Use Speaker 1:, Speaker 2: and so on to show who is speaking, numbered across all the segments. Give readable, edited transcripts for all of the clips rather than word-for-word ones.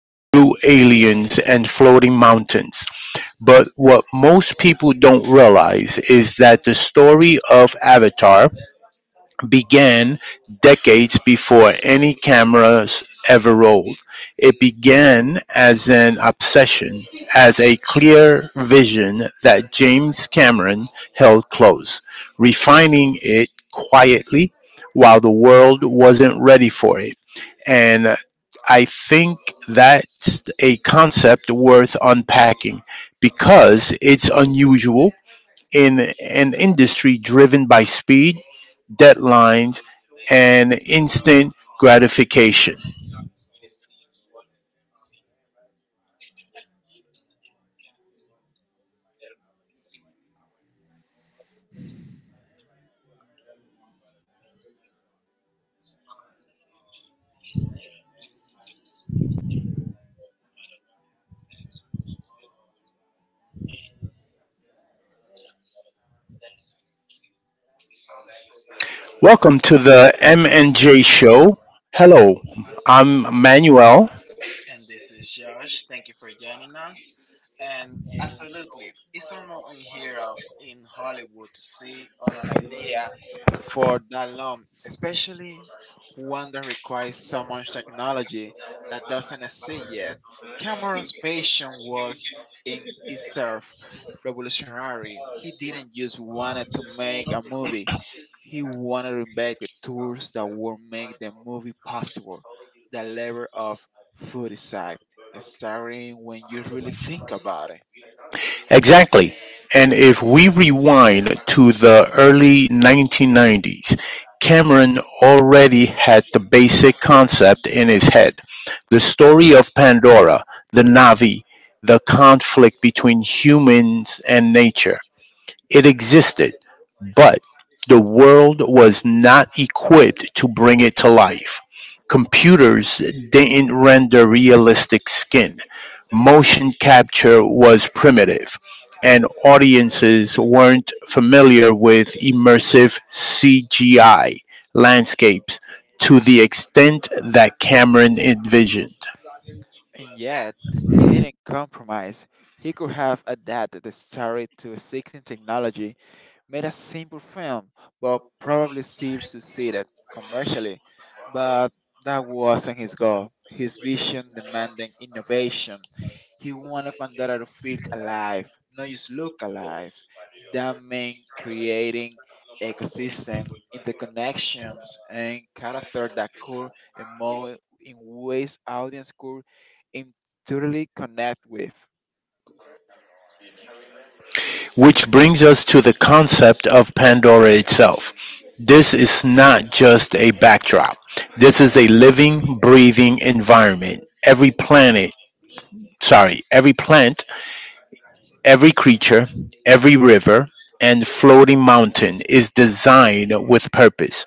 Speaker 1: blue aliens and floating mountains. But what most people don't realize is that the story of Avatar began decades before any cameras ever rolled. It began as an obsession, as a clear vision that James Cameron held close, refining it quietly while the world wasn't ready for it. And I think that's a concept worth unpacking because it's unusual in an industry driven by speed, deadlines, and instant gratification. Welcome to the M and J show. Hello, I'm Manuel.
Speaker 2: And this is Josh. Thank you for joining us. And absolutely, it's normal in here of in Hollywood to see on an idea for that long, especially one that requires so much technology that doesn't exist yet. Cameron's passion was in itself revolutionary. He didn't just want to make a movie. He wanted to make the tours that would make the movie possible, the level of food side, starring when you really think about it.
Speaker 1: Exactly. And if we rewind to the early 1990s, Cameron already had the basic concept in his head. The story of Pandora, the Navi, the conflict between humans and nature. It existed, but the world was not equipped to bring it to life. Computers didn't render realistic skin. Motion capture was primitive, and audiences weren't familiar with immersive CGI landscapes to the extent that Cameron envisioned.
Speaker 2: And yet, he didn't compromise. He could have adapted the story to existing technology, made a simple film, but probably still succeeded commercially. But that wasn't his goal. His vision demanded innovation. He wanted Pandora to feel alive, not just look alive. That meant creating ecosystem, interconnections, and character that could emote in ways audience could intuitively connect with.
Speaker 1: Which brings us to the concept of Pandora itself. This is not just a backdrop. This is a living, breathing environment. Every planet, sorry, every plant, every creature, every river, and floating mountain is designed with purpose.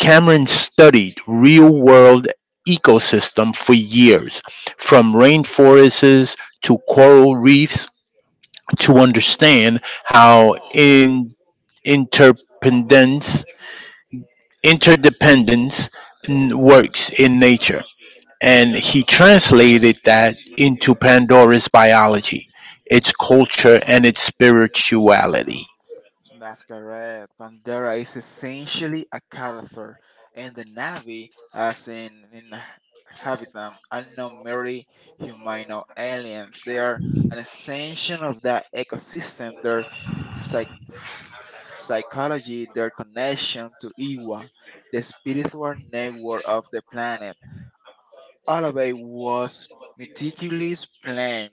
Speaker 1: Cameron studied real world ecosystem for years, from rainforests to coral reefs to understand how interdependence, interdependence works in nature. And he translated that into Pandora's biology, its culture, and its spirituality.
Speaker 2: That's correct. Pandora is essentially a caliphate, and the Na'vi, as in inhabit them, are not merely humanoid aliens. They are an extension of that ecosystem. Their psych- psychology, their connection to Iwa, the spiritual network of the planet. All of it was meticulously planned.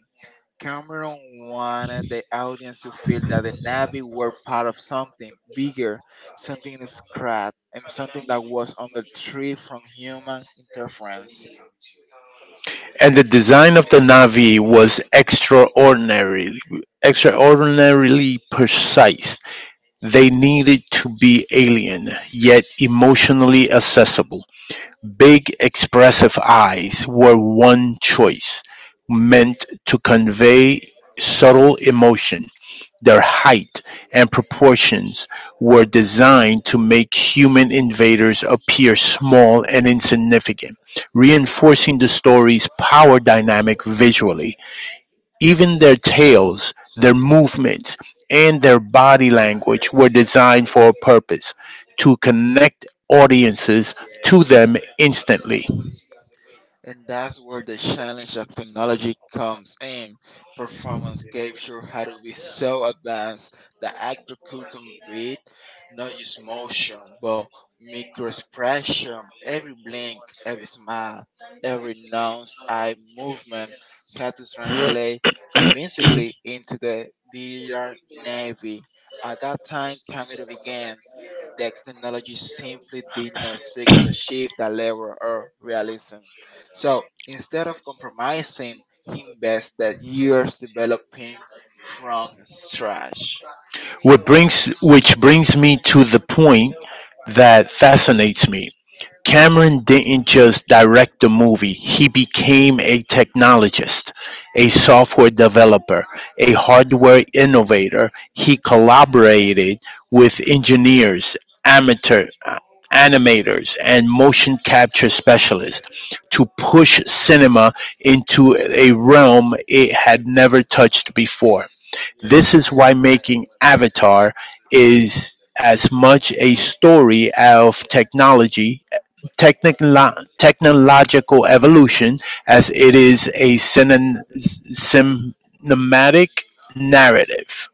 Speaker 2: Cameron wanted the audience to feel that the Navy were part of something bigger, something in scratch, and something that was on the tree from human interference.
Speaker 1: And the design of the Navi was extraordinarily precise. They needed to be alien, yet emotionally accessible. Big, expressive eyes were one choice, meant to convey subtle emotion. Their height and proportions were designed to make human invaders appear small and insignificant, reinforcing the story's power dynamic visually. Even their tails, their movements, and their body language were designed for a purpose to connect audiences to them instantly.
Speaker 2: And that's where the challenge of technology comes in. Performance capture had to be so advanced that actor could convey not just motion, but micro expression. Every blink, every smile, every nose, eye movement had to translate convincingly into the digital navy. At that time, camera began, the technology simply did not seek to achieve that level of realism. So instead of compromising, he invested years developing from scratch.
Speaker 1: Which brings me to the point that fascinates me. Cameron didn't just direct the movie, he became a technologist, a software developer, a hardware innovator. He collaborated with engineers, amateur animators, and motion capture specialists to push cinema into a realm it had never touched before. This is why making Avatar is as much a story of technology, technological evolution, as it is a cinematic narrative,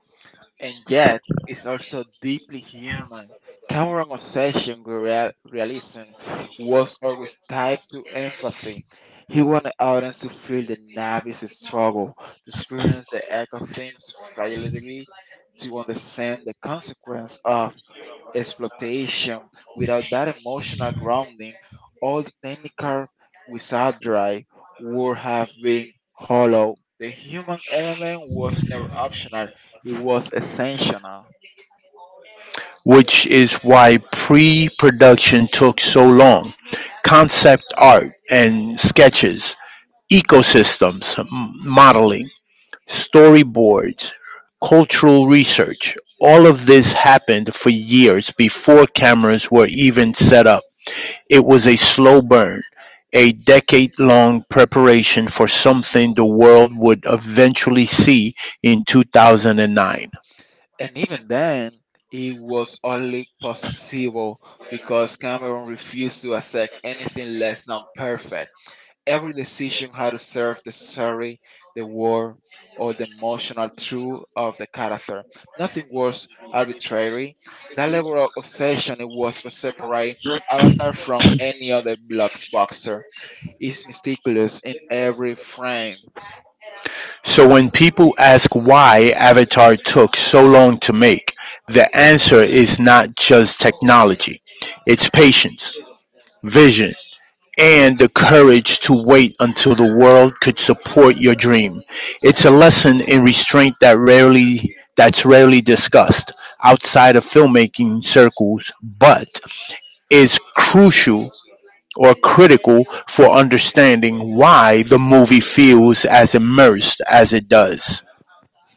Speaker 2: And yet is also deeply human. Cameron's obsession with realism was always tied to empathy. He wanted audience to feel the novice's struggle, to experience the echo theme's fragility, to understand the consequence of exploitation. Without that emotional grounding, all the technical wizardry would have been hollow. The human element was never optional, it was essential.
Speaker 1: which is why pre production took so long. Concept art and sketches, ecosystems, modeling, storyboards, cultural research, all of this happened for years before cameras were even set up. It was a slow burn, a decade long preparation for something the world would eventually see in 2009.
Speaker 2: And even then, it was only possible because Cameron refused to accept anything less than perfect. Every decision had to serve the story, the war, or the emotional truth of the character. Nothing was arbitrary. That level of obsession, it was what separate Avatar from any other blockbuster. It's meticulous in every frame.
Speaker 1: So when people ask why Avatar took so long to make, the answer is not just technology, it's patience, vision, and the courage to wait until the world could support your dream. It's a lesson in restraint that's rarely discussed outside of filmmaking circles, but is crucial or critical for understanding why the movie feels as immersed as it does.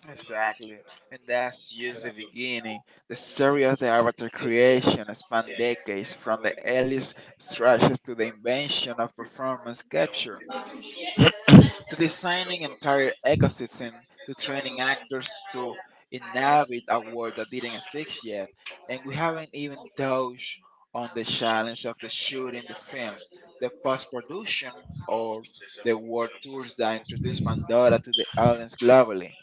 Speaker 2: Exactly, and that's just the beginning. The story of the avatar creation spanned decades, from the earliest structures to the invention of performance capture, to designing entire ecosystems, to training actors to inhabit a world that didn't exist yet. And we haven't even touched on the challenge of the shooting the film, the post production, or the world tours that introduced Pandora to the audience globally.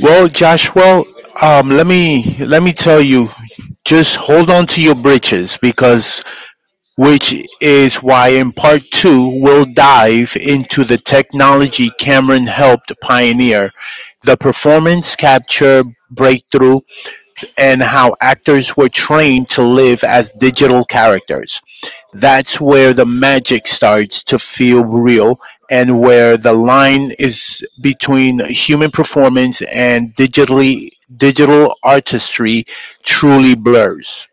Speaker 1: Well, Joshua, let me tell you, just hold on to your britches, because which is why in part two we'll dive into the technology Cameron helped pioneer, the performance capture breakthrough, and how actors were trained to live as digital characters. That's where the magic starts to feel real and where the line is between human performance and digital artistry truly blurs.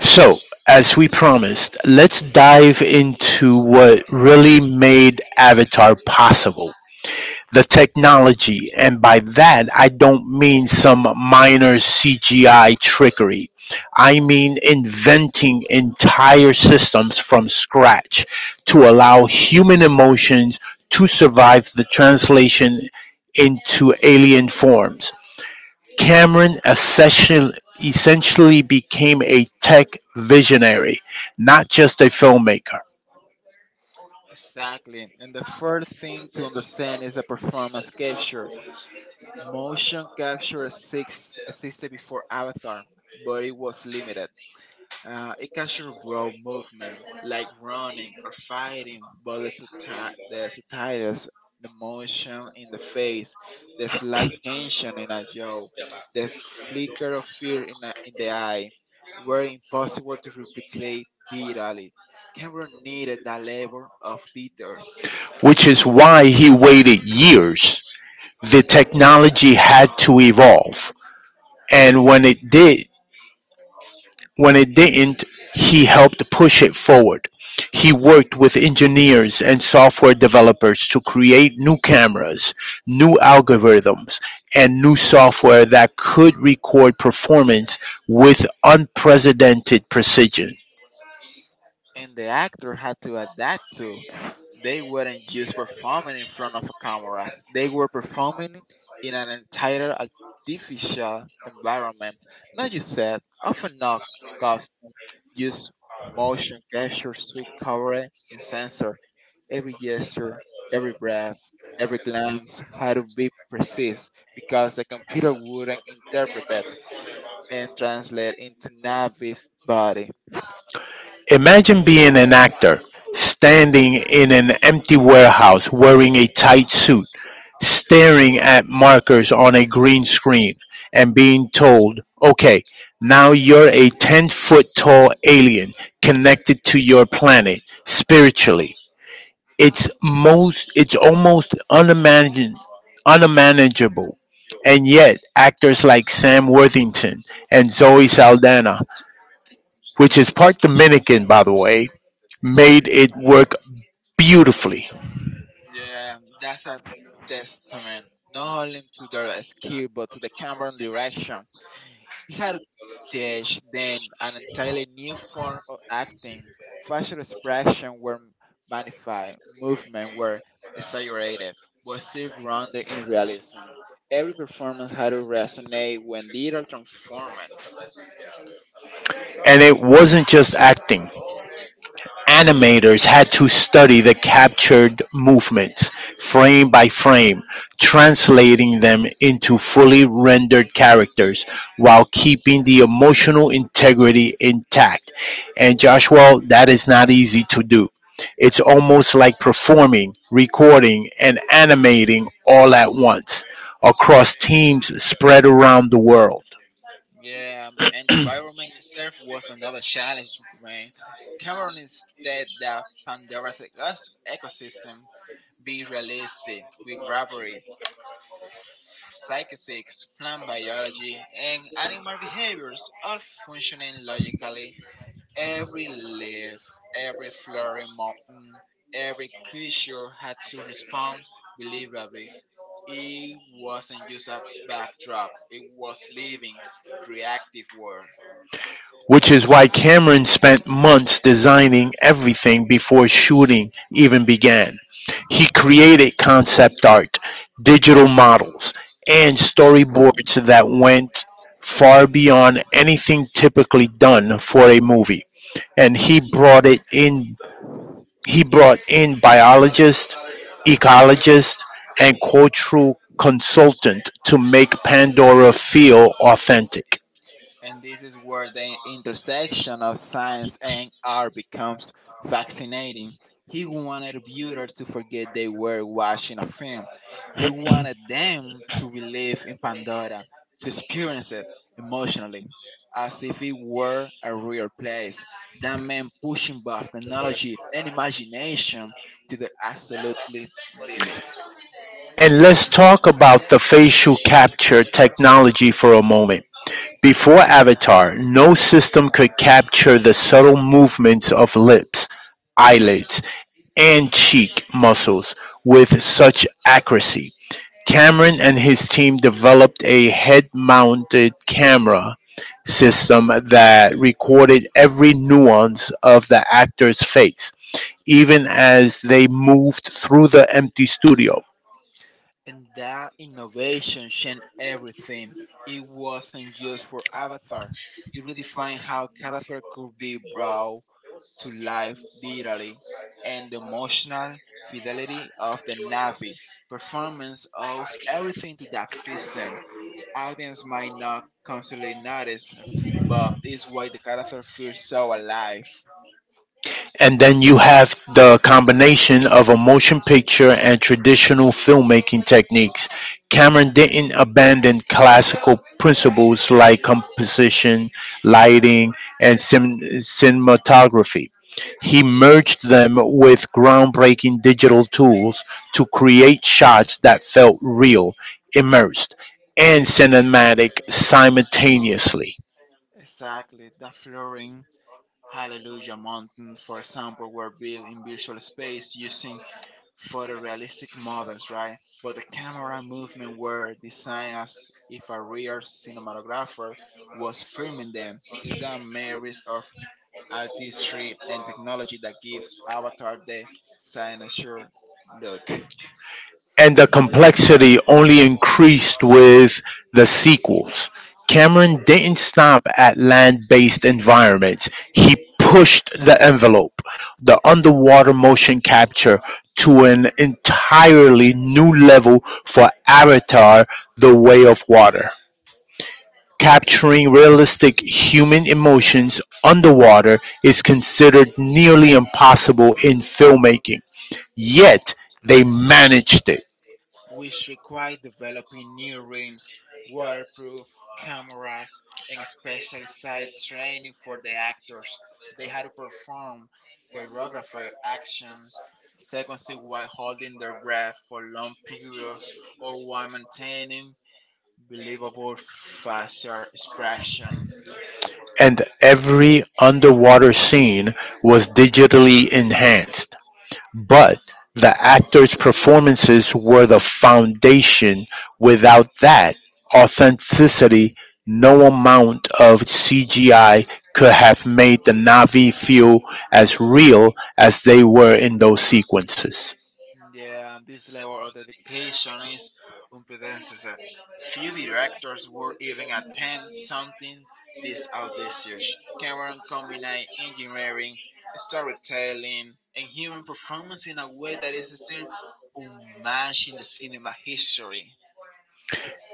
Speaker 1: So, as we promised, let's dive into what really made Avatar possible, the technology. And by that, I don't mean some minor CGI trickery. I mean inventing entire systems from scratch to allow human emotions to survive the translation into alien forms. Cameron essentially became a tech visionary, not just a filmmaker,
Speaker 2: Exactly. And the third thing to understand is a performance capture. Motion capture six existed before Avatar, but it was limited. It captured raw movement, like running or fighting, but the subtitles, the motion in the face, the slight tension in a jaw, the flicker of fear in, a, in the eye, were impossible to replicate digitally. Camera needed that level of details.
Speaker 1: which is why he waited years. The technology had to evolve, and when it didn't, he helped push it forward. He worked with engineers and software developers to create new cameras, new algorithms, and new software that could record performance with unprecedented precision.
Speaker 2: And the actor had to adapt to. They weren't just performing in front of cameras, they were performing in an entire artificial environment, not just set, often not costume, just motion capture, sweet cover, and sensor. Every gesture, every breath, every glance had to be precise because the computer wouldn't interpret it and translate into native body.
Speaker 1: Imagine being an actor standing in an empty warehouse wearing a tight suit, staring at markers on a green screen, and being told, okay, now you're a 10-foot tall alien connected to your planet spiritually. It's almost unmanageable. And yet, actors like Sam Worthington and Zoe Saldana, which is part Dominican, by the way, made it work beautifully.
Speaker 2: Yeah, that's a testament not only to their skill but to the camera direction. He had to teach then an entirely new form of acting. Facial expression were magnified, movement were exaggerated, but still grounded in realism. Every performance had to resonate when digital transformed.
Speaker 1: And it wasn't just acting. Animators had to study the captured movements frame by frame, translating them into fully rendered characters while keeping the emotional integrity intact. And Joshua, that is not easy to do. It's almost like performing, recording, and animating all at once across teams spread around the world.
Speaker 2: Yeah, and the environment itself was another challenge, man. Cameron instead the Pandora's ecosystem be realistic with gravity, psychics, plant biology, and animal behaviors all functioning logically. Every leaf, every flowering mountain, every creature had to respond believably. It wasn't just a backdrop, it was living, reactive world.
Speaker 1: Which is why Cameron spent months designing everything before shooting even began. He created concept art, digital models, and storyboards that went far beyond anything typically done for a movie. And he brought in biologists, ecologists, and cultural consultant to make Pandora feel authentic.
Speaker 2: And this is where the intersection of science and art becomes fascinating. He wanted viewers to forget they were watching a film. He wanted them to believe in Pandora, to experience it emotionally, as if it were a real place. That man pushing both technology and imagination to their absolutely limits.
Speaker 1: And let's talk about the facial capture technology for a moment. Before Avatar, no system could capture the subtle movements of lips, eyelids, and cheek muscles with such accuracy. Cameron and his team developed a head mounted camera system that recorded every nuance of the actor's face, even as they moved through the empty studio.
Speaker 2: And that innovation changed everything. It wasn't just for Avatar, it redefined how character could be brought to life digitally and the emotional fidelity of the Navi. Performance owes everything to that system. Audience might not constantly notice, but it's why the character feels so alive.
Speaker 1: And then you have the combination of a motion picture and traditional filmmaking techniques. Cameron didn't abandon classical principles like composition, lighting, and cinematography. He merged them with groundbreaking digital tools to create shots that felt real, immersed, and cinematic simultaneously.
Speaker 2: Exactly, the flooring Hallelujah Mountain, for example, were built in virtual space using photorealistic models, right? But the camera movement were designed as if a real cinematographer was filming them. It's that marriage of artistry and technology that gives Avatar the signature look.
Speaker 1: And the complexity only increased with the sequels. Cameron didn't stop at land based environments, he pushed the envelope, the underwater motion capture, to an entirely new level for Avatar The Way of Water. Capturing realistic human emotions underwater is considered nearly impossible in filmmaking, yet, they managed it.
Speaker 2: Which require developing new rims, waterproof cameras, and specialized training for the actors. They had to perform choreographer actions, sequences while holding their breath for long periods or while maintaining believable facial expressions.
Speaker 1: And every underwater scene was digitally enhanced, but the actors' performances were the foundation. Without that authenticity, no amount of CGI could have made the Navi feel as real as they were in those sequences.
Speaker 2: Yeah, and this level of dedication is unprecedented. Few directors would even attempt something this audacious. Cameron combined engineering, storytelling, and human performance in a way that is still unmatched in the cinema history.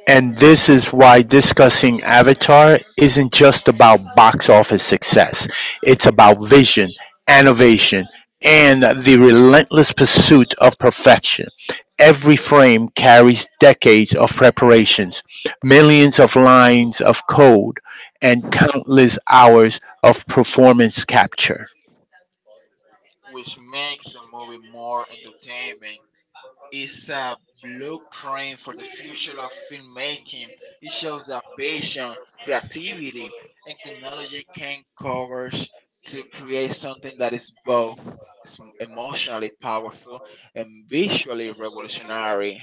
Speaker 1: And this is why discussing Avatar isn't just about box office success. It's about vision, innovation, and the relentless pursuit of perfection. Every frame carries decades of preparations, millions of lines of code, and countless hours of performance capture.
Speaker 2: Which makes the movie more entertaining. It's a blueprint for the future of filmmaking. It shows that passion, creativity, and technology can converge to create something that is both is emotionally powerful and visually revolutionary.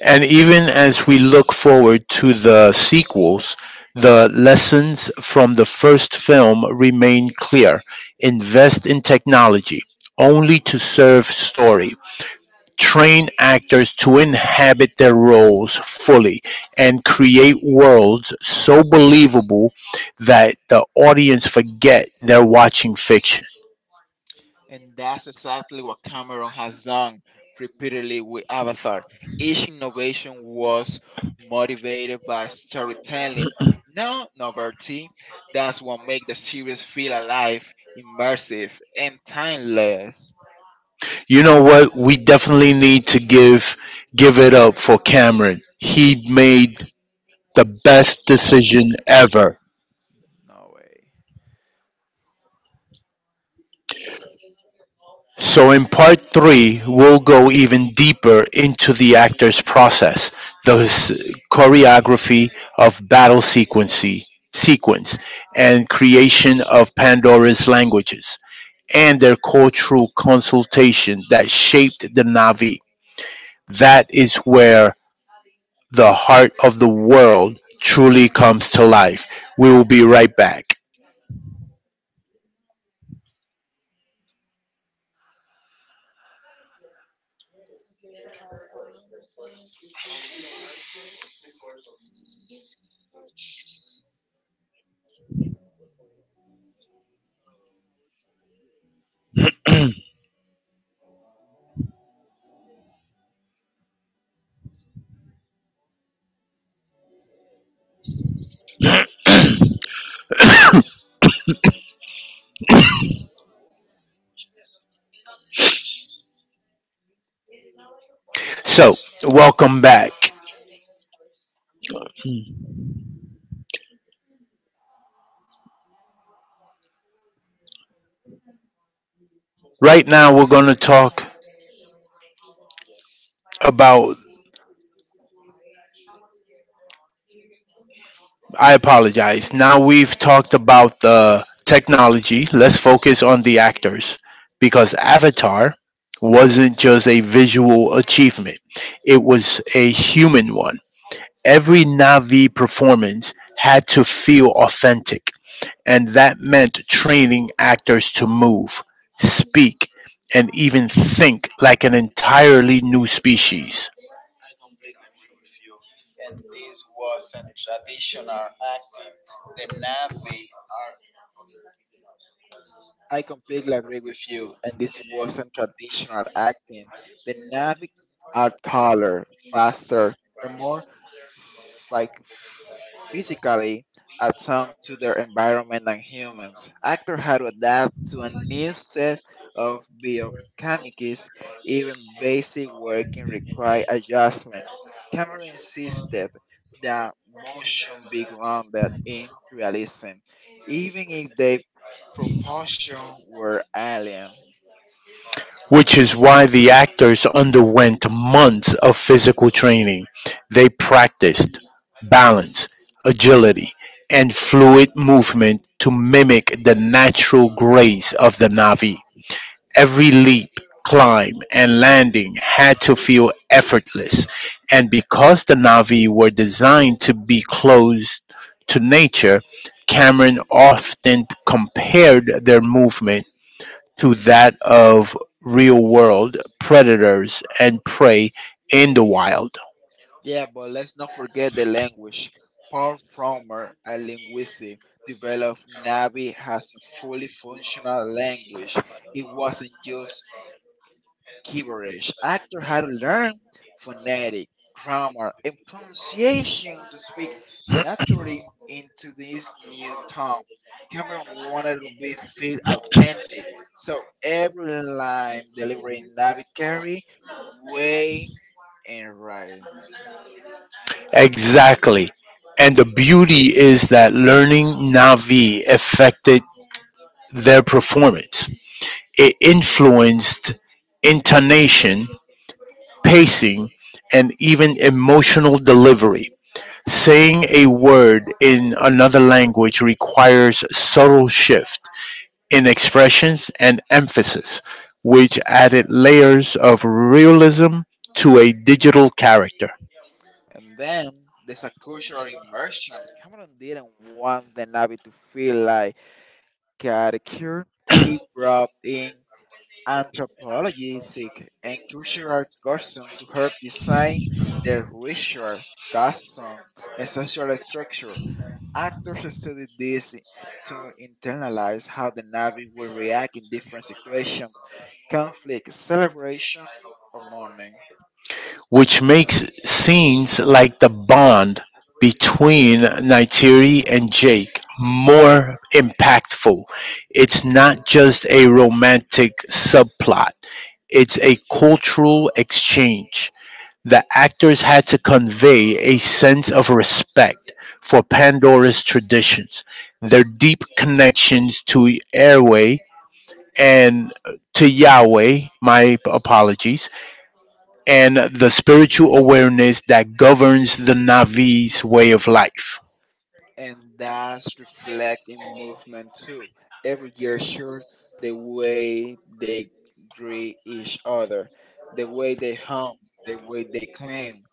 Speaker 1: And even as we look forward to the sequels, the lessons from the first film remain clear. Invest in technology only to serve story. Train actors to inhabit their roles fully and create worlds so believable that the audience forget they're watching fiction.
Speaker 2: And that's exactly what Cameron has done repeatedly with Avatar. Each innovation was motivated by storytelling, no novelty. That's what makes the series feel alive, immersive, and timeless.
Speaker 1: You know what? We definitely need to give it up for Cameron. He made the best decision ever.
Speaker 2: No way.
Speaker 1: So, in part three, we'll go even deeper into the actor's process, the choreography of battle sequence, and creation of Pandora's languages, and their cultural consultation that shaped the Navi. That is where the heart of the world truly comes to life. We will be right back. So, welcome back. Right now, we're going to talk about, I apologize. Now we've talked about the technology. Let's focus on the actors because Avatar wasn't just a visual achievement. It was a human one. Every Navi performance had to feel authentic, and that meant training actors to move, speak, and even think like an entirely new species.
Speaker 2: I completely agree with you, and this wasn't traditional acting. The Navi are taller, faster, and more like physically attuned to their environment than humans. Actors had to adapt to a new set of biochemicals, even basic working required adjustment. Cameron insisted that motion be grounded in realism, even if they proportion were alien.
Speaker 1: Which is why the actors underwent months of physical training. They practiced balance, agility, and fluid movement to mimic the natural grace of the Navi. Every leap, climb, and landing had to feel effortless, and because the Navi were designed to be close to nature, Cameron often compared their movement to that of real world predators and prey in the wild.
Speaker 2: Yeah, but let's not forget the language. Paul Frommer, a linguist, developed Navi as a fully functional language. It wasn't just gibberish. Actors had to learn phonetic, grammar, and pronunciation to speak naturally into this new tongue. Cameron wanted to be feel authentic. So every line delivering Navi carry way and right.
Speaker 1: Exactly. And the beauty is that learning Navi affected their performance. It influenced intonation, pacing, and even emotional delivery. Saying a word in another language requires subtle shift in expressions and emphasis, which added layers of realism to a digital character,
Speaker 2: And then there's a cultural immersion. Cameron didn't want the Navy to feel like caricature. He brought in anthropologistic and cultural custom to help design the ritual, custom, and social structure. Actors studied this to internalize how the Navy will react in different situations, conflict, celebration, or mourning.
Speaker 1: which makes scenes like the bond between Naitiri and Jake more impactful. It's not just a romantic subplot, it's a cultural exchange. The actors had to convey a sense of respect for Pandora's traditions, their deep connections to Airway and to Yahweh, my apologies, and the spiritual awareness that governs the Navi's way of life.
Speaker 2: And that's reflect in movement too. Every year shows the way they greet each other, the way they hum, the way they climb,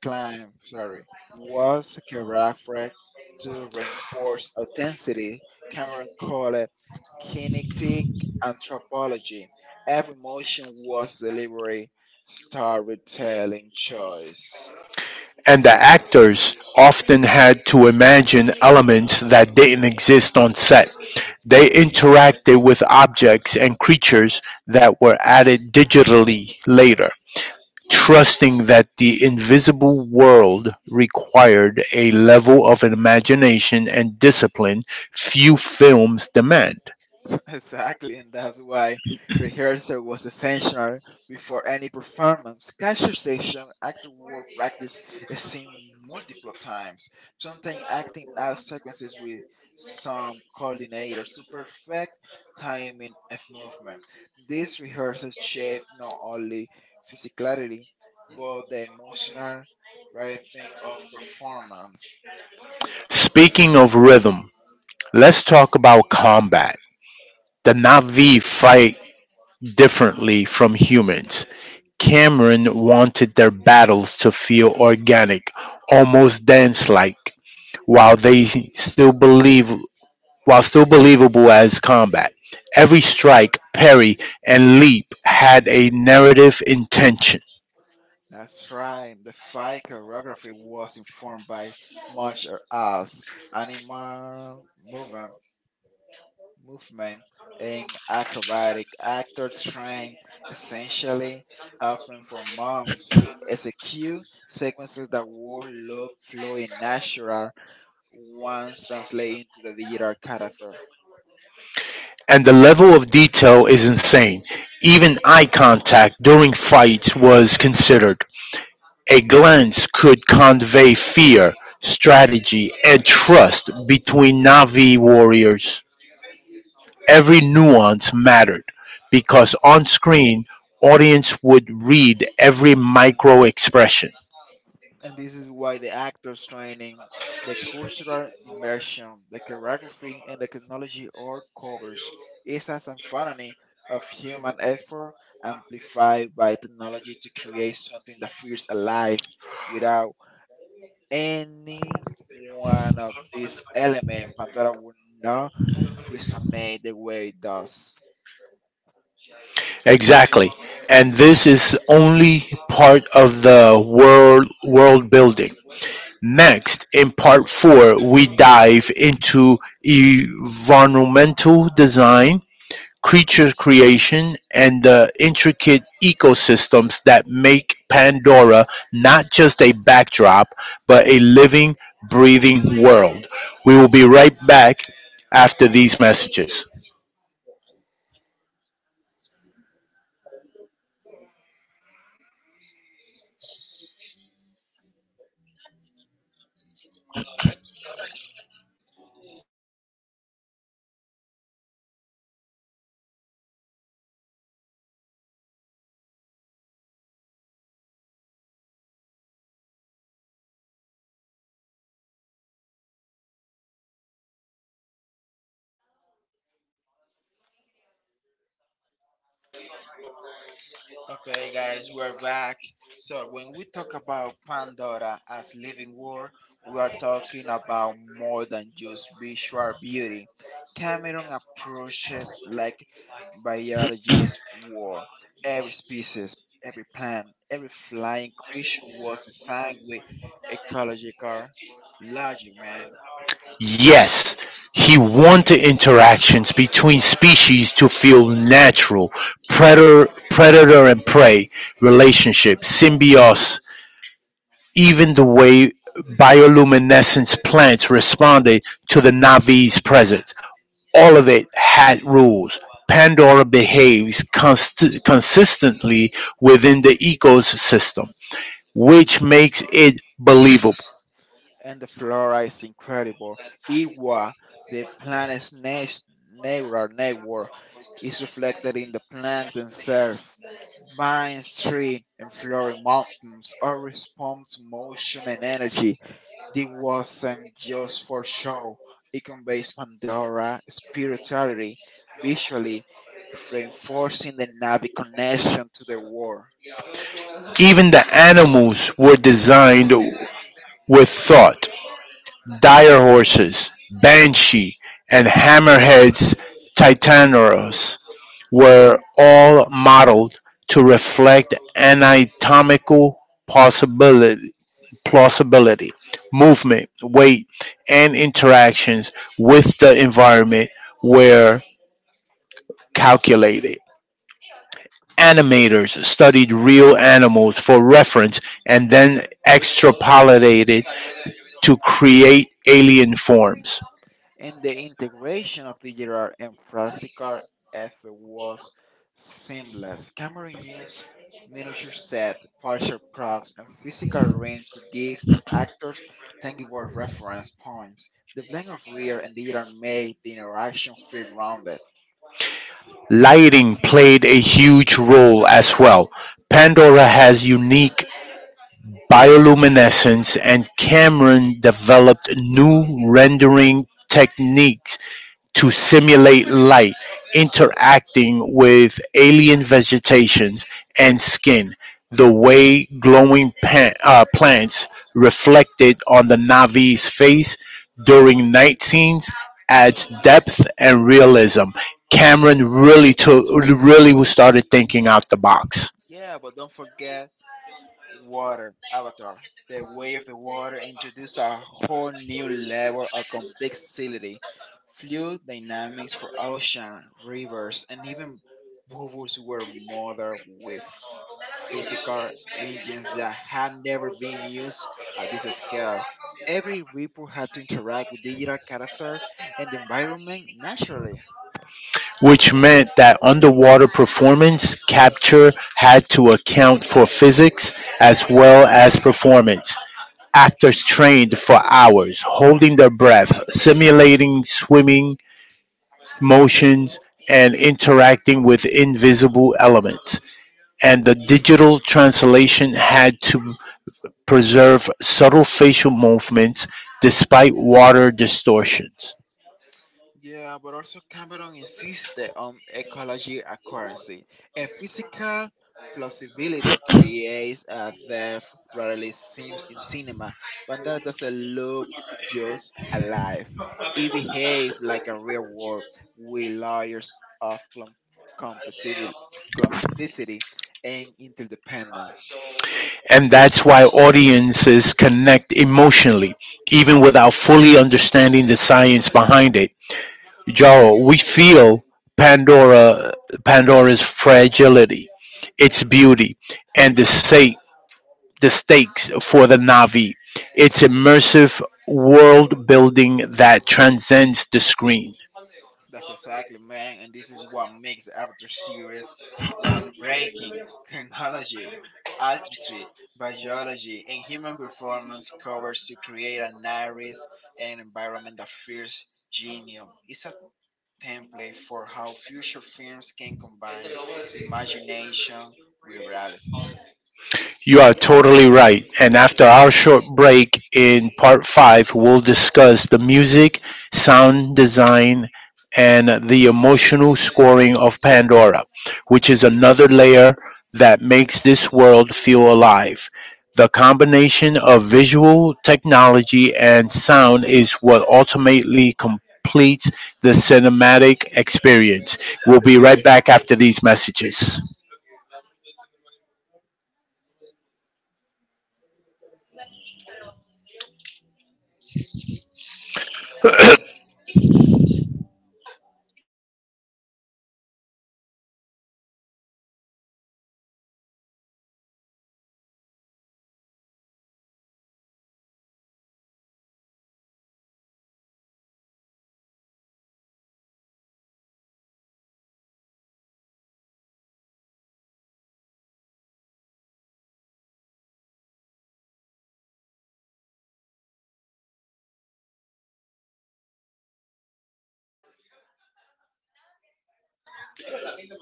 Speaker 2: climb. Sorry, was characterized to reinforce authenticity. Cameron called it kinetic anthropology. Every motion was delivery, storytelling choice.
Speaker 1: And the actors often had to imagine elements that didn't exist on set. They interacted with objects and creatures that were added digitally later. Trusting that the invisible world required a level of imagination and discipline few films demand.
Speaker 2: Exactly, and that's why rehearsal was essential before any performance. Cashier session, actor word practice is seen multiple times, sometimes acting out sequences with some coordinators to perfect timing of movement. This rehearsal shape not only physicality, but the emotional writing of performance.
Speaker 1: Speaking of rhythm, let's talk about combat. The Na'vi fight differently from humans. Cameron wanted their battles to feel organic, almost dance like, while they still believe while still believable as combat. Every strike, parry, and leap had a narrative intention,
Speaker 2: That's right. The fight choreography was informed by martial arts, animal movement, and acrobatic actor trained essentially often for months to execute sequences that would look fluid, natural, once translated into the digital character.
Speaker 1: and the level of detail is insane. Even eye contact during fights was considered. A glance could convey fear, strategy, and trust between Navi warriors. Every nuance mattered because on screen, audience would read every micro expression.
Speaker 2: And this is why the actors training, the cultural immersion, the choreography, and the technology all covers is a symphony of human effort amplified by technology to create something that feels alive. Without any one of these elements, pandora would not resonate the way it does.
Speaker 1: Exactly. And this is only part of the world building. Next, in part 4, we dive into environmental design, creature creation, and the intricate ecosystems that make Pandora not just a backdrop, but a living, breathing world. We will be right back after these messages.
Speaker 2: Okay, guys, we're back. So, when we talk about Pandora as living world, we are talking about more than just visual beauty. Cameron approached it like biologist war. Every species, every plant, every flying creature was designed with ecological logic, man.
Speaker 1: Yes, he wanted interactions between species to feel natural, predator and prey relationships, symbiosis, even the way bioluminescence plants responded to the Navi's presence. All of it had rules. Pandora behaves consistently within the ecosystem, which makes it believable.
Speaker 2: And the flora is incredible. Iwa, the neural network, is reflected in the plants themselves. Vines, trees, and flowering mountains all respond to motion and energy. This wasn't just for show. It conveys Pandora spirituality visually, reinforcing the Navi connection to the world.
Speaker 1: Even the animals were designed with thought. Dire Horses, Banshee, and Hammerhead's Titanosaurs were all modeled to reflect anatomical possibility, plausibility, movement, weight, and interactions with the environment were calculated. Animators studied real animals for reference and then extrapolated to create alien forms.
Speaker 2: And the integration of digital and practical effort was seamless. Cameron used miniature set, partial props, and physical rings to give actors tangible reference points. The blend of real and digital made the interaction feel grounded.
Speaker 1: Lighting played a huge role as well; Pandora has unique bioluminescence and Cameron developed new rendering techniques to simulate light interacting with alien vegetations and skin. The way glowing plants reflected on the Navi's face during night scenes adds depth and realism. Cameron really started thinking out the box,
Speaker 2: Yeah, but don't forget Water Avatar, the way of the water introduced a whole new level of complexity, fluid dynamics for ocean, rivers, and even bubbles were modeled with physical engines that had never been used at this scale. Every ripple had to interact with digital character and the environment naturally.
Speaker 1: which meant that underwater performance capture had to account for physics as well as performance. Actors trained for hours, holding their breath, simulating swimming motions, and interacting with invisible elements. And the digital translation had to preserve subtle facial movements despite water distortions.
Speaker 2: Yeah, but also Cameron insisted on ecology accuracy, and physical plausibility creates a depth rarely seems in cinema. But that doesn't look just alive; it behaves like a real world with layers of complexivity, complicity and interdependence.
Speaker 1: And that's why audiences connect emotionally, even without fully understanding the science behind it. Jarl, we feel Pandora Pandora's fragility, its beauty, and the stakes for the Navi. It's immersive world building that transcends the screen.
Speaker 2: That's exactly, man, and this is what makes the Avatar series groundbreaking. Chronology, altitude, biology, and human performance covers to create a narrative and environment that feels genuine. It's a template for how future films can combine imagination with reality.
Speaker 1: You are totally right. And after our short break in part five, we'll discuss the music, sound design, and the emotional scoring of Pandora, which is another layer that makes this world feel alive. The combination of visual technology and sound is what ultimately completes the cinematic experience. We'll be right back after these messages.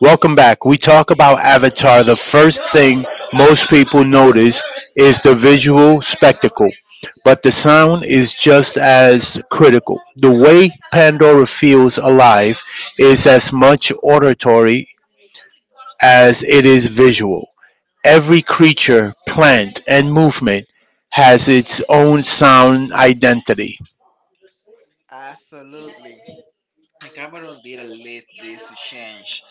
Speaker 1: Welcome back. We talk about Avatar. The first thing most people notice is the visual spectacle, but the sound is just as critical. The way Pandora feels alive is as much auditory as it is visual. Every creature, plant, and movement has its own sound identity,
Speaker 2: Absolutely. And Cameron did not lead this change.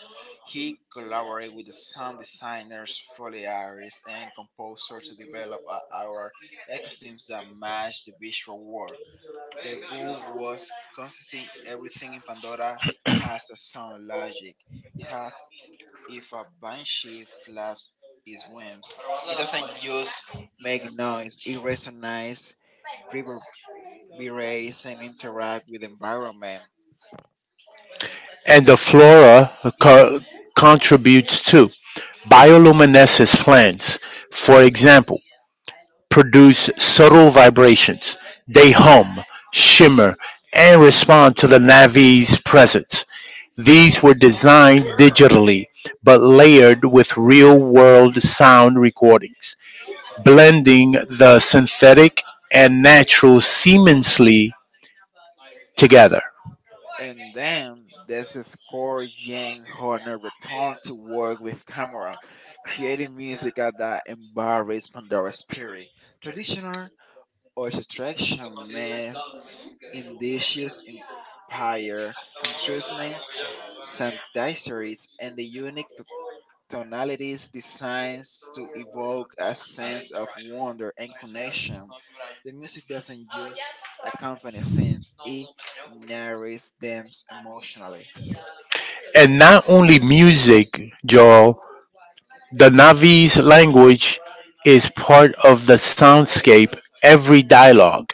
Speaker 2: He collaborated with the sound designers Foley Iris and composer to develop a aura ecosystems that matched the visual world. The goal was consistent everything in Pandora has a sound logic. It has if a banshee flaps its wings, it doesn't just make noise, it resonates, reverberates and interact with the environment.
Speaker 1: and the flora co- contributes too. Bioluminescence plants, for example, produce subtle vibrations. They hum, shimmer, and respond to the Navi's presence. These were designed digitally, but layered with real world sound recordings, blending the synthetic and natural seamlessly together.
Speaker 2: And then there's the score James Horner returned to work with Cameron, creating music that embodies Pandora's spirit. Traditional orchestration mixed Indigenous empire, intrusion, synthesizers, and the unique tonalities designs to evoke a sense of wonder and connection. The music doesn't just accompany scenes, it narrates them emotionally.
Speaker 1: And not only music, Joel, the Navi's language is part of the soundscape, every dialogue.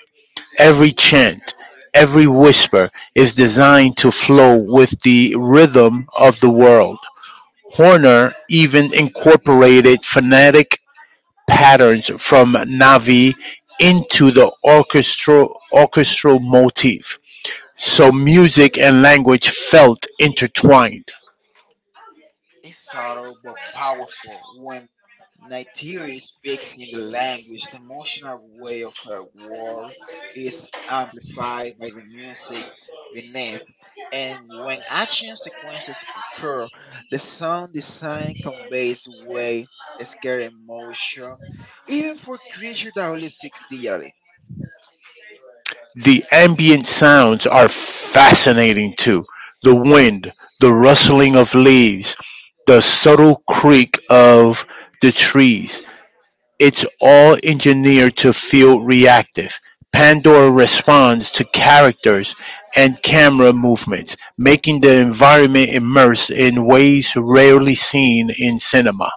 Speaker 1: Every chant, every whisper is designed to flow with the rhythm of the world. Horner even incorporated phonetic patterns from Navi into the orchestral motif, so music and language felt intertwined.
Speaker 2: It's subtle but powerful when Nigeri speaks in the language, the emotional way of her world is amplified by the music beneath. And when action sequences occur, the sound design conveys way a scary emotion, even for creatures that only seek digitally.
Speaker 1: The ambient sounds are fascinating too, the wind, the rustling of leaves, the subtle creak of the trees. It's all engineered to feel reactive. Pandora responds to characters and camera movements, making the environment immersive in ways rarely seen in cinema.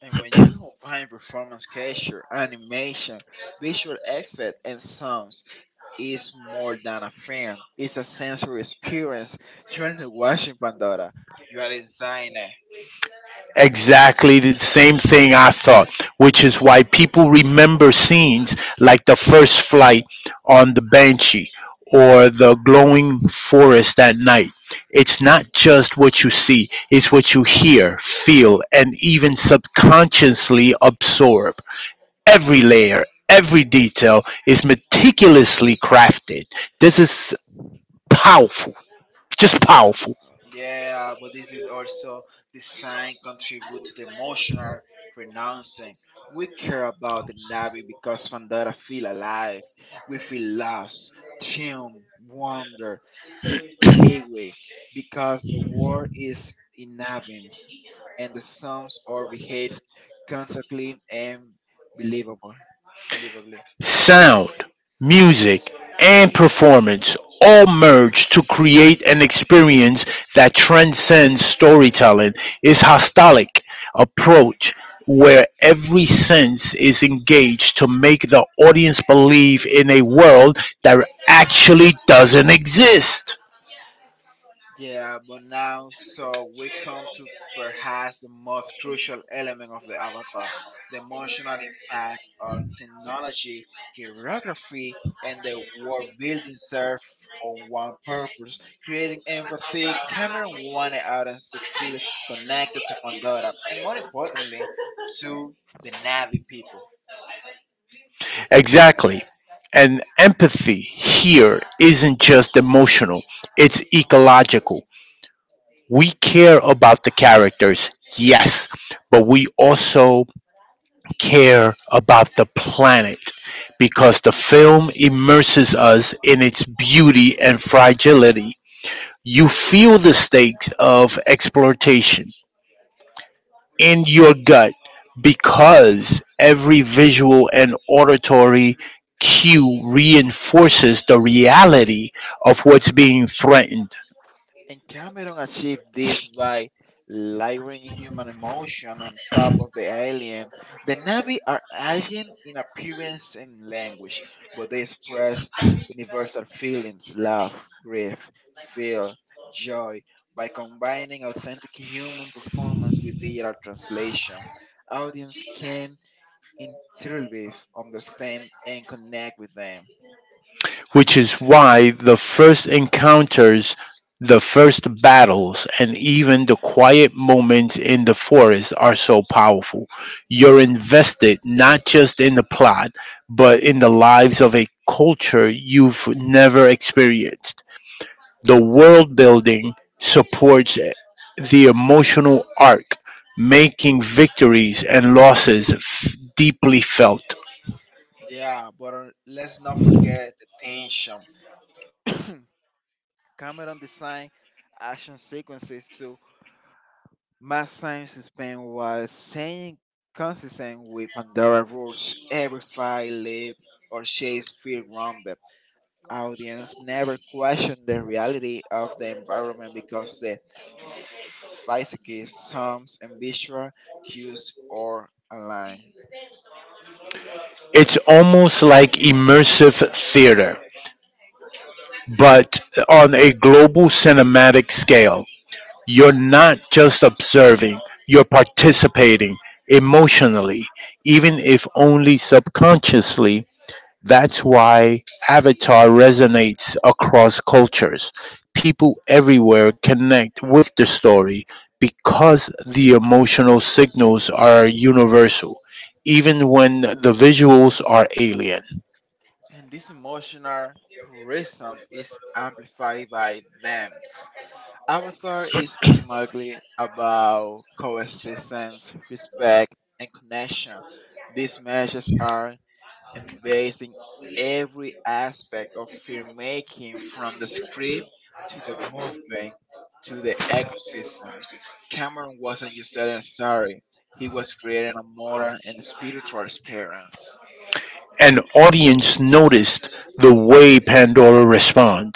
Speaker 2: And when you combine performance capture, animation, visual effect, and sound is more than a film. It's a sensory experience. You are not watching Pandora. You are inside it.
Speaker 1: Exactly the same thing I thought, which is why people remember scenes like the first flight on the Banshee or the glowing forest at night. It's not just what you see, it's what you hear, feel, and even subconsciously absorb. Every layer, every detail is meticulously crafted. This is powerful, just
Speaker 2: Yeah,
Speaker 1: powerful.
Speaker 2: yeah, but this is also design contribute to the emotional renouncing. We care about the Navi because Pandora feel alive. We feel lost, tune, wonder, away because the war is in inevitable and the sums are behaved constantly and believable. Believably.
Speaker 1: Sound, music, and performance all merge to create an experience that transcends storytelling. Is hostilic approach where every sense is engaged to make the audience believe in a world that actually doesn't exist.
Speaker 2: Yeah, but now, so we come to perhaps the most crucial element of the avatar the emotional impact of technology, choreography, and the world building serve on one purpose, creating empathy. Cameron wanted audience to feel connected to Pandora, and more importantly, to the Navi people.
Speaker 1: Exactly. And empathy here isn't just emotional, it's ecological. We care about the characters, yes, but we also care about the planet because the film immerses us in its beauty and fragility. You feel the stakes of exploitation in your gut because every visual and auditory cue reinforces the reality of what's being threatened.
Speaker 2: And Cameron achieved this by layering human emotion on top of the alien. The Navi are alien in appearance and language, but they express universal feelings love, grief, fear, joy by combining authentic human performance with digital translation. Audience can intuitively understand and connect with them.
Speaker 1: Which is why the first encounters, the first battles, and even the quiet moments in the forest are so powerful. You're invested not just in the plot, but in the lives of a culture you've never experienced. The world building supports the emotional arc, making victories and losses deeply felt.
Speaker 2: Yeah, but let's not forget the tension. Cameron designed action sequences to mask time suspense while staying consistent with Pandora rules. Every fight, leap, or chase feel grounded. Audience never question the reality of the environment because the physics, sounds and visual cues are aligned.
Speaker 1: It's almost like immersive theater but on a global cinematic scale. You're not just observing, you're participating emotionally, even if only subconsciously. That's why Avatar resonates across cultures. People everywhere connect with the story because the emotional signals are universal, even when the visuals are alien.
Speaker 2: And this emotional reason is amplified by them. Avatar is ultimately about coexistence, respect, and connection. These measures are embracing every aspect of filmmaking from the script to the movement to the ecosystems. Cameron wasn't just telling a story, he was creating a moral and spiritual experience.
Speaker 1: An audience noticed the way Pandora responded,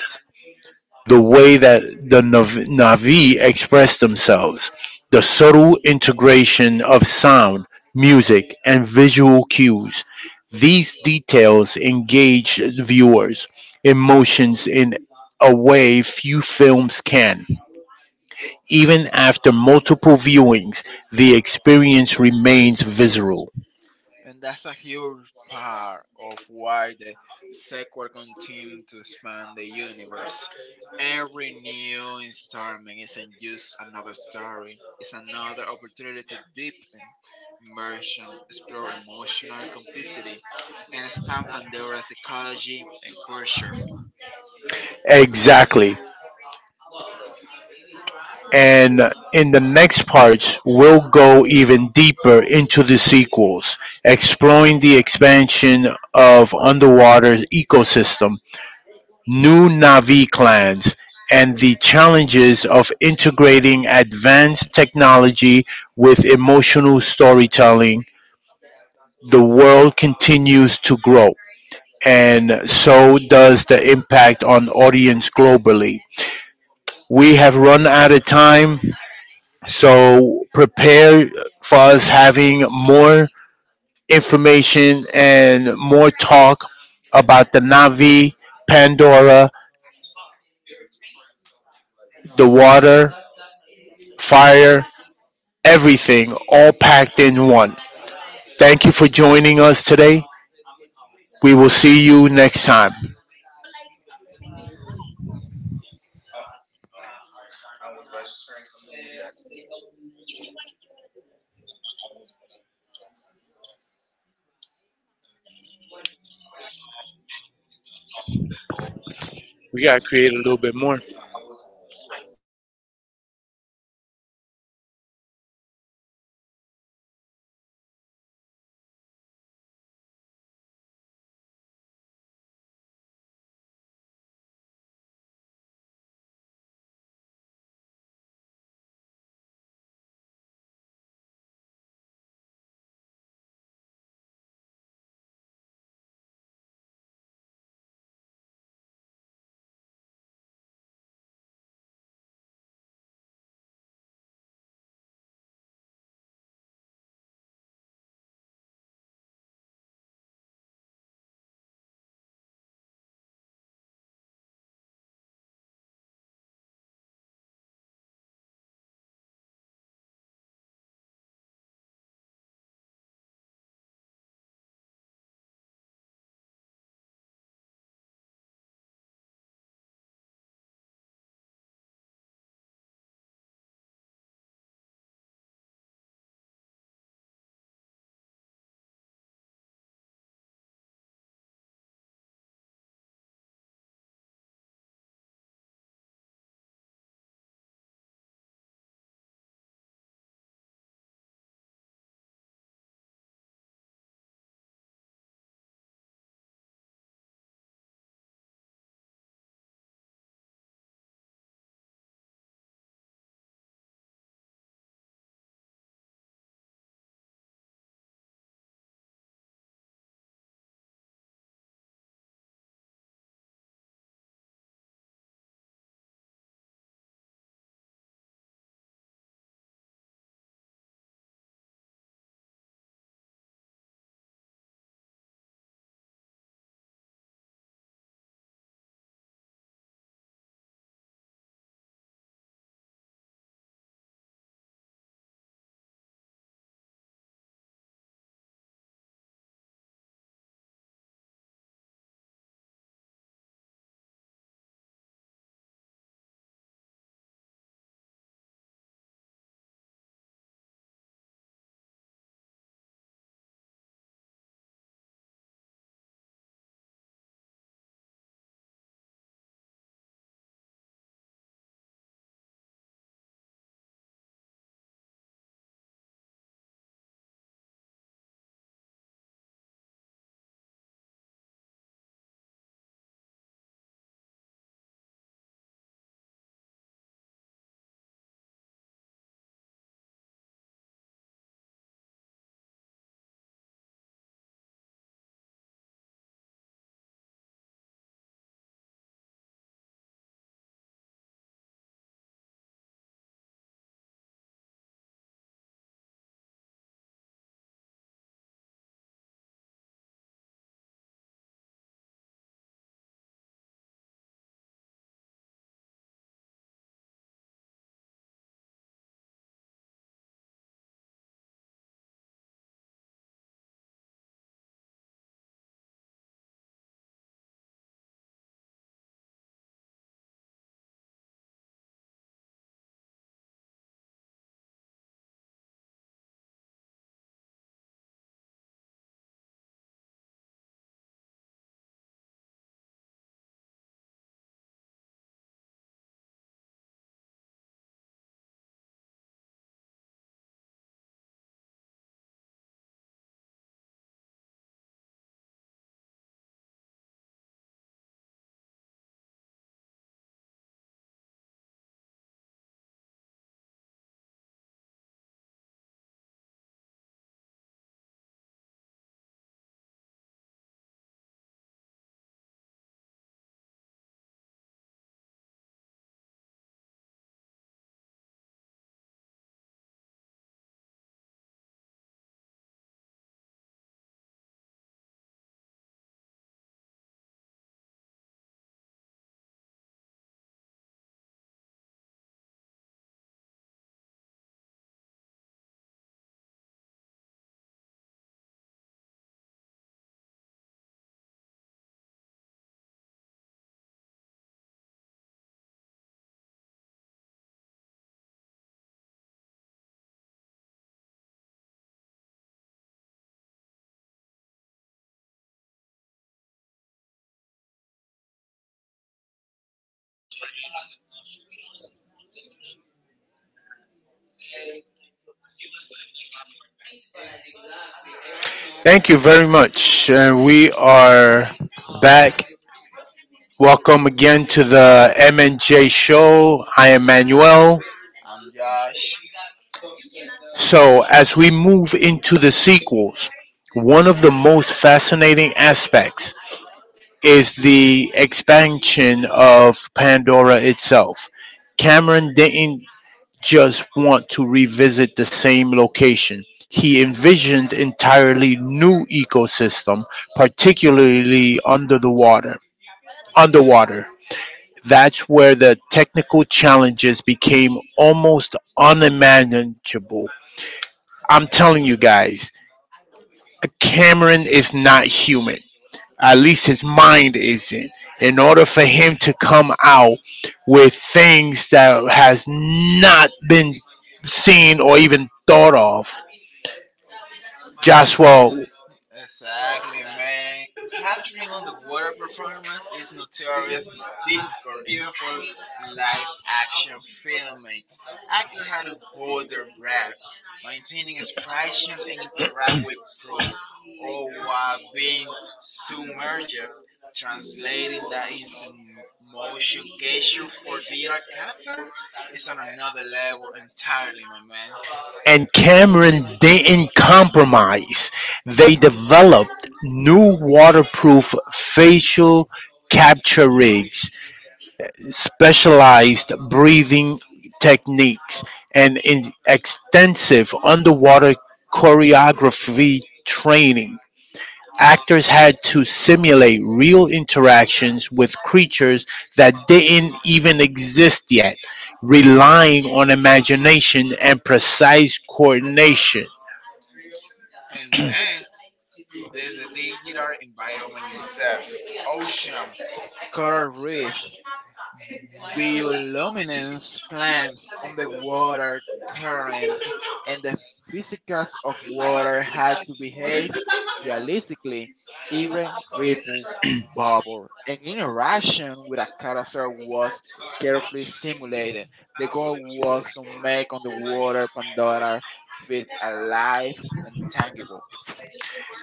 Speaker 1: the way that the Navi expressed themselves, the subtle integration of sound, music, and visual cues. These details engage viewers' emotions in a way few films can. Even after multiple viewings, the experience remains visceral.
Speaker 2: And that's a huge part of why the sequel continues to expand the universe. Every new installment isn't just another story, it's another opportunity to deepen immersion, explore emotional complicity, and expand Pandora's ecology and culture.
Speaker 1: Exactly. And in the next parts, we'll go even deeper into the sequels, exploring the expansion of underwater ecosystem, new Navi clans, and the challenges of integrating advanced technology with emotional storytelling. The world continues to grow, and so does the impact on audience globally. We have run out of time, so prepare for us having more information and more talk about the Navi, Pandora, the water, fire, everything, all packed in one. Thank you for joining us today. We will see you next time. Thank you very much. And we are back. Welcome again to the MNJ show. I am Manuel.
Speaker 2: I'm Josh.
Speaker 1: So, as we move into the sequels, one of the most fascinating aspects is the expansion of Pandora itself. Cameron didn't just want to revisit the same location. He envisioned entirely new ecosystem, particularly under the water. Underwater. That's where the technical challenges became almost unmanageable. I'm telling you guys, Cameron is not human. At least his mind isn't. In order for him to come out with things that has not been seen or even thought of, Joshua.
Speaker 2: Exactly, man. Catering on the water performance is notorious difficult, even for live action filming. Actors had to hold their breath, maintaining expression and interact with proofs, all while being submerged, translating that into motion capture for theater character is on another level entirely, my man.
Speaker 1: And Cameron didn't compromise. They developed new waterproof facial capture rigs, specialized breathing techniques, and in extensive underwater choreography training. Actors had to simulate real interactions with creatures that didn't even exist yet, relying on imagination and precise coordination,
Speaker 2: And then there's a digital environment itself, ocean, coral reef, bioluminescence plants, underwater currents, and the physics of water had to behave realistically. Every ripple, bubble, and interaction with a character was carefully simulated. The goal was to make underwater Pandora feel alive and tangible.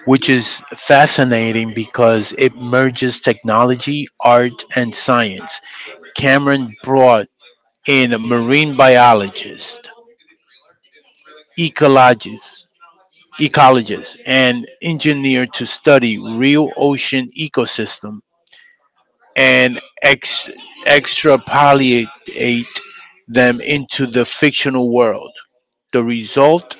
Speaker 1: which is fascinating because it merges technology, art, and science. Cameron brought in marine biologist, ecologist, ecologist, and engineer to study real ocean ecosystem and extrapolate them into the fictional world. The result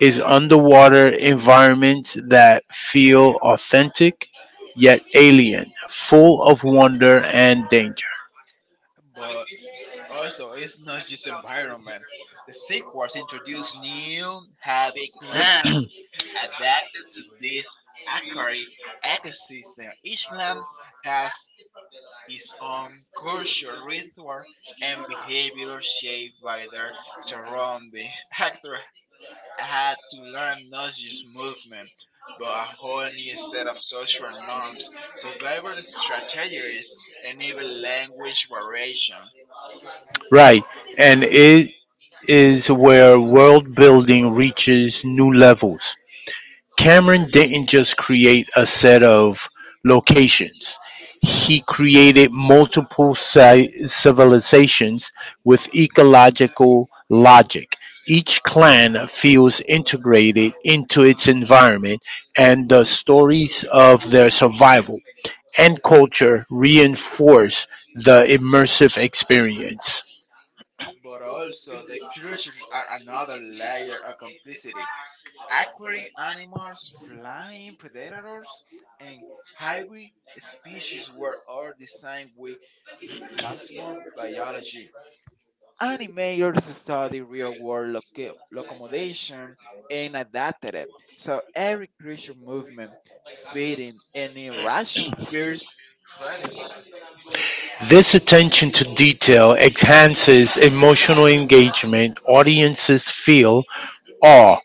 Speaker 1: is underwater environments that feel authentic yet alien, full of wonder and danger.
Speaker 2: But also it's not just environment. The sequels introduce new habit clams adapted to this aquatic ecosystem. Each clam has its own culture, ritual, and behavior shaped by their surrounding. Actors had to learn not just movement, but a whole new set of social norms, survival strategies, and even language variation.
Speaker 1: Right. And it is where world building reaches new levels. Cameron didn't just create a set of locations, he created multiple civilizations with ecological logic. Each clan feels integrated into its environment, and the stories of their survival and culture reinforce the immersive experience.
Speaker 2: But also the creatures are another layer of complexity. Aquatic animals, flying predators, and hybrid species were all designed with plausible biology. Animators study real world locomotion and adapted it. So every creature movement, feeding, and interaction feels credible.
Speaker 1: This attention to detail enhances emotional engagement. Audiences feel awe,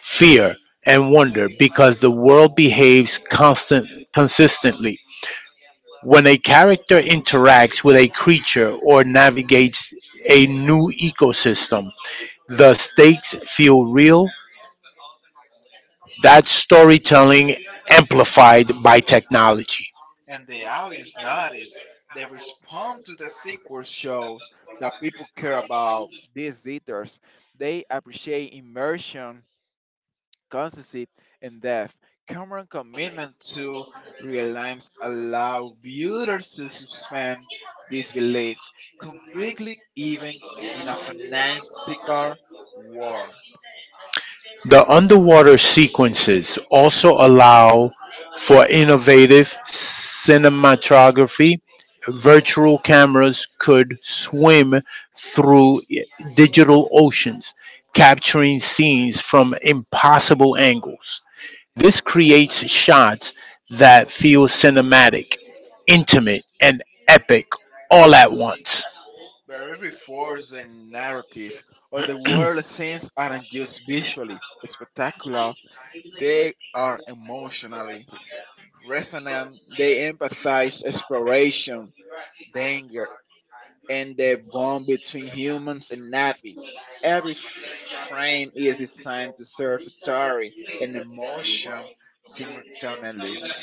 Speaker 1: fear, and wonder because the world behaves consistently. When a character interacts with a creature or navigates a new ecosystem, the stakes feel real. That's storytelling amplified by technology.
Speaker 2: And the audience notice. They respond to the sequel shows that people care about these theaters. They appreciate immersion, consistency, and depth. Cameron's commitment to realism allow viewers to suspend disbelief completely, even in a fantastical world.
Speaker 1: The underwater sequences also allow for innovative cinematography. Virtual cameras could swim through digital oceans, capturing scenes from impossible angles. This creates shots that feel cinematic, intimate, and epic all at once.
Speaker 2: Very reinforces the narrative. Underwater scenes aren't just visually spectacular. They are emotionally resonant. They empathize exploration, danger, and the bond between humans and Navi. Every frame is designed to serve story and emotion simultaneously.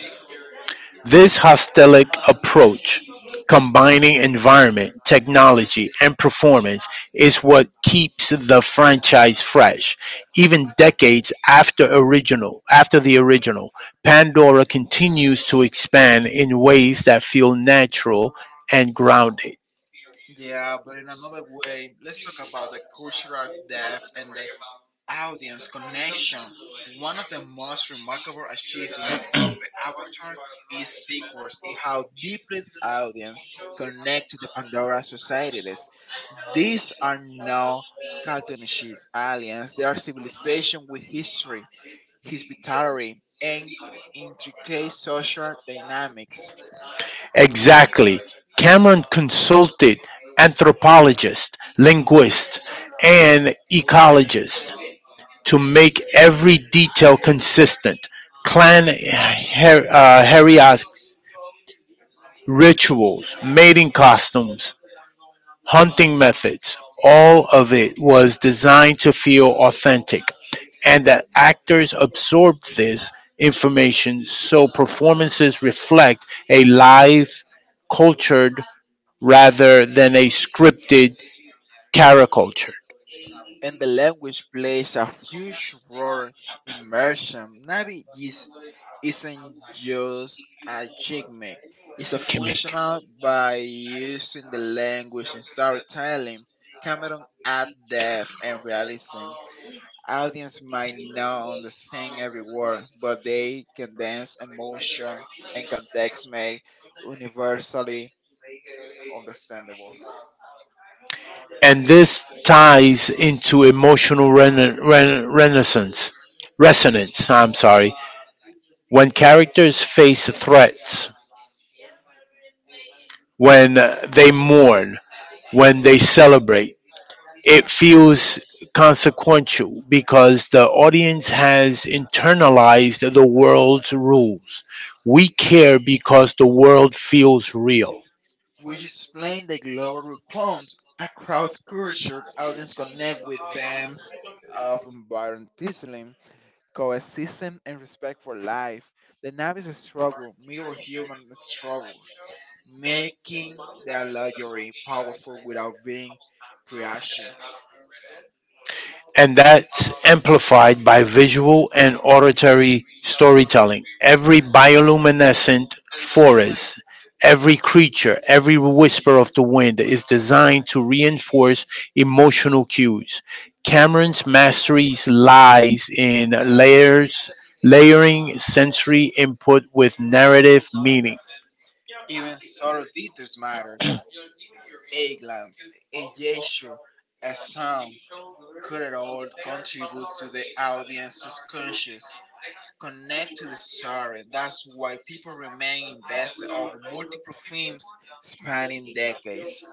Speaker 1: This hostelic approach, combining environment, technology, and performance, is what keeps the franchise fresh. Even decades after the original, Pandora continues to expand in ways that feel natural and grounded.
Speaker 2: Yeah, but in another way, let's talk about the cultural depth and the audience connection. One of the most remarkable achievements of the Avatar is sequence in how deeply the audience connect to the Pandora societies. These are no cartoonish aliens. They are civilization with history, hospitality, and intricate social dynamics.
Speaker 1: Exactly. Cameron consulted anthropologists, linguists, and ecologists to make every detail consistent. Clan herias, rituals, mating costumes, hunting methods, all of it was designed to feel authentic, and that actors absorbed this information so performances reflect a live, cultured rather than a scripted caricature.
Speaker 2: And the language plays a huge role in immersion. Navi is. Isn't just a gimmick. It's a
Speaker 1: Gimmick.
Speaker 2: functional by using the language in storytelling. Cameron adds depth and realism. Audience might not understand every word, but they condense emotion and context made universally understandable.
Speaker 1: And this ties into emotional renaissance, resonance, I'm sorry, when characters face threats, when they mourn, when they celebrate. It feels consequential because the audience has internalized the world's rules. We care because the world feels real.
Speaker 2: Which explain the global reforms across culture. Audience connect with themes of environmentalism coexistence and respect for life. The novice struggle mirror human struggle, making the allegory powerful without being preachy.
Speaker 1: And that's amplified by visual and auditory storytelling. Every bioluminescent forest, every creature, every whisper of the wind is designed to reinforce emotional cues. Cameron's masteries lies in layers layering sensory input with narrative meaning.
Speaker 2: Even subtle details matters. A glance, a gesture, a sound could at all contribute to the audience subconscious, connect to the story. That's why people remain invested over multiple films spanning decades.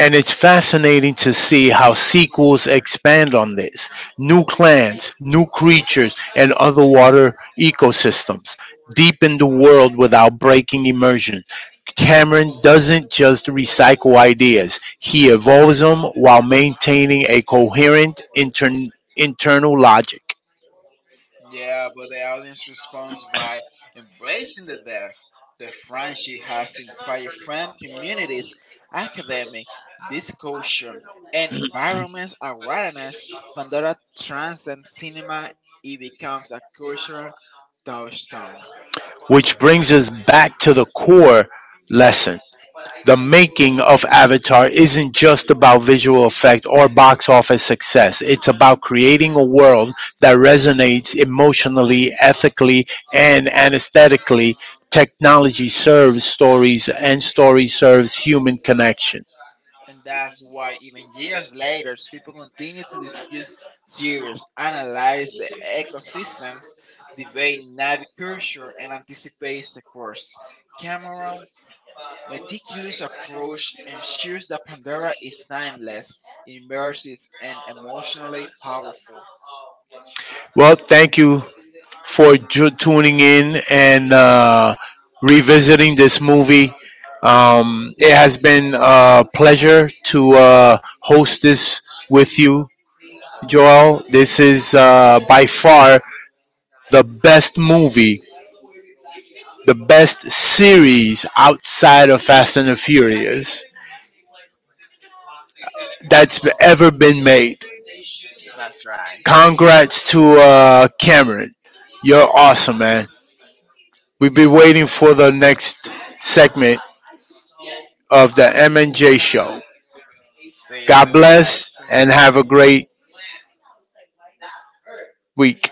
Speaker 1: And it's fascinating to see how sequels expand on this. New clans, new creatures, and other water ecosystems deepen the world without breaking immersion. Cameron doesn't just recycle ideas, he evolves them while maintaining a coherent internal logic.
Speaker 2: Yeah, but the audience responds by embracing the deaf. The friendship has inspired friend communities, academic discussion, and environments awareness. Pandora transcends cinema, it becomes a cultural touchstone.
Speaker 1: Which brings us back to the core lesson: the making of Avatar isn't just about visual effect or box office success. It's about creating a world that resonates emotionally, ethically, and aesthetically. Technology serves stories, and story serves human connection.
Speaker 2: And that's why, even years later, people continue to discuss series, analyze the ecosystems, debate navigature, and anticipate sequels. Cameron meticulous approach ensures that Pandora is timeless, immersive, and emotionally powerful.
Speaker 1: Well, thank you for tuning in and revisiting this movie. It has been a pleasure to host this with you, Joel. This is by far the best movie, the best series outside of Fast and the Furious that's ever been made.
Speaker 2: That's right.
Speaker 1: Congrats to Cameron. You're awesome, man. We've been waiting for the next segment of the M&J show.
Speaker 2: Say
Speaker 1: God
Speaker 2: so,
Speaker 1: bless
Speaker 2: guys.
Speaker 1: and have a great week.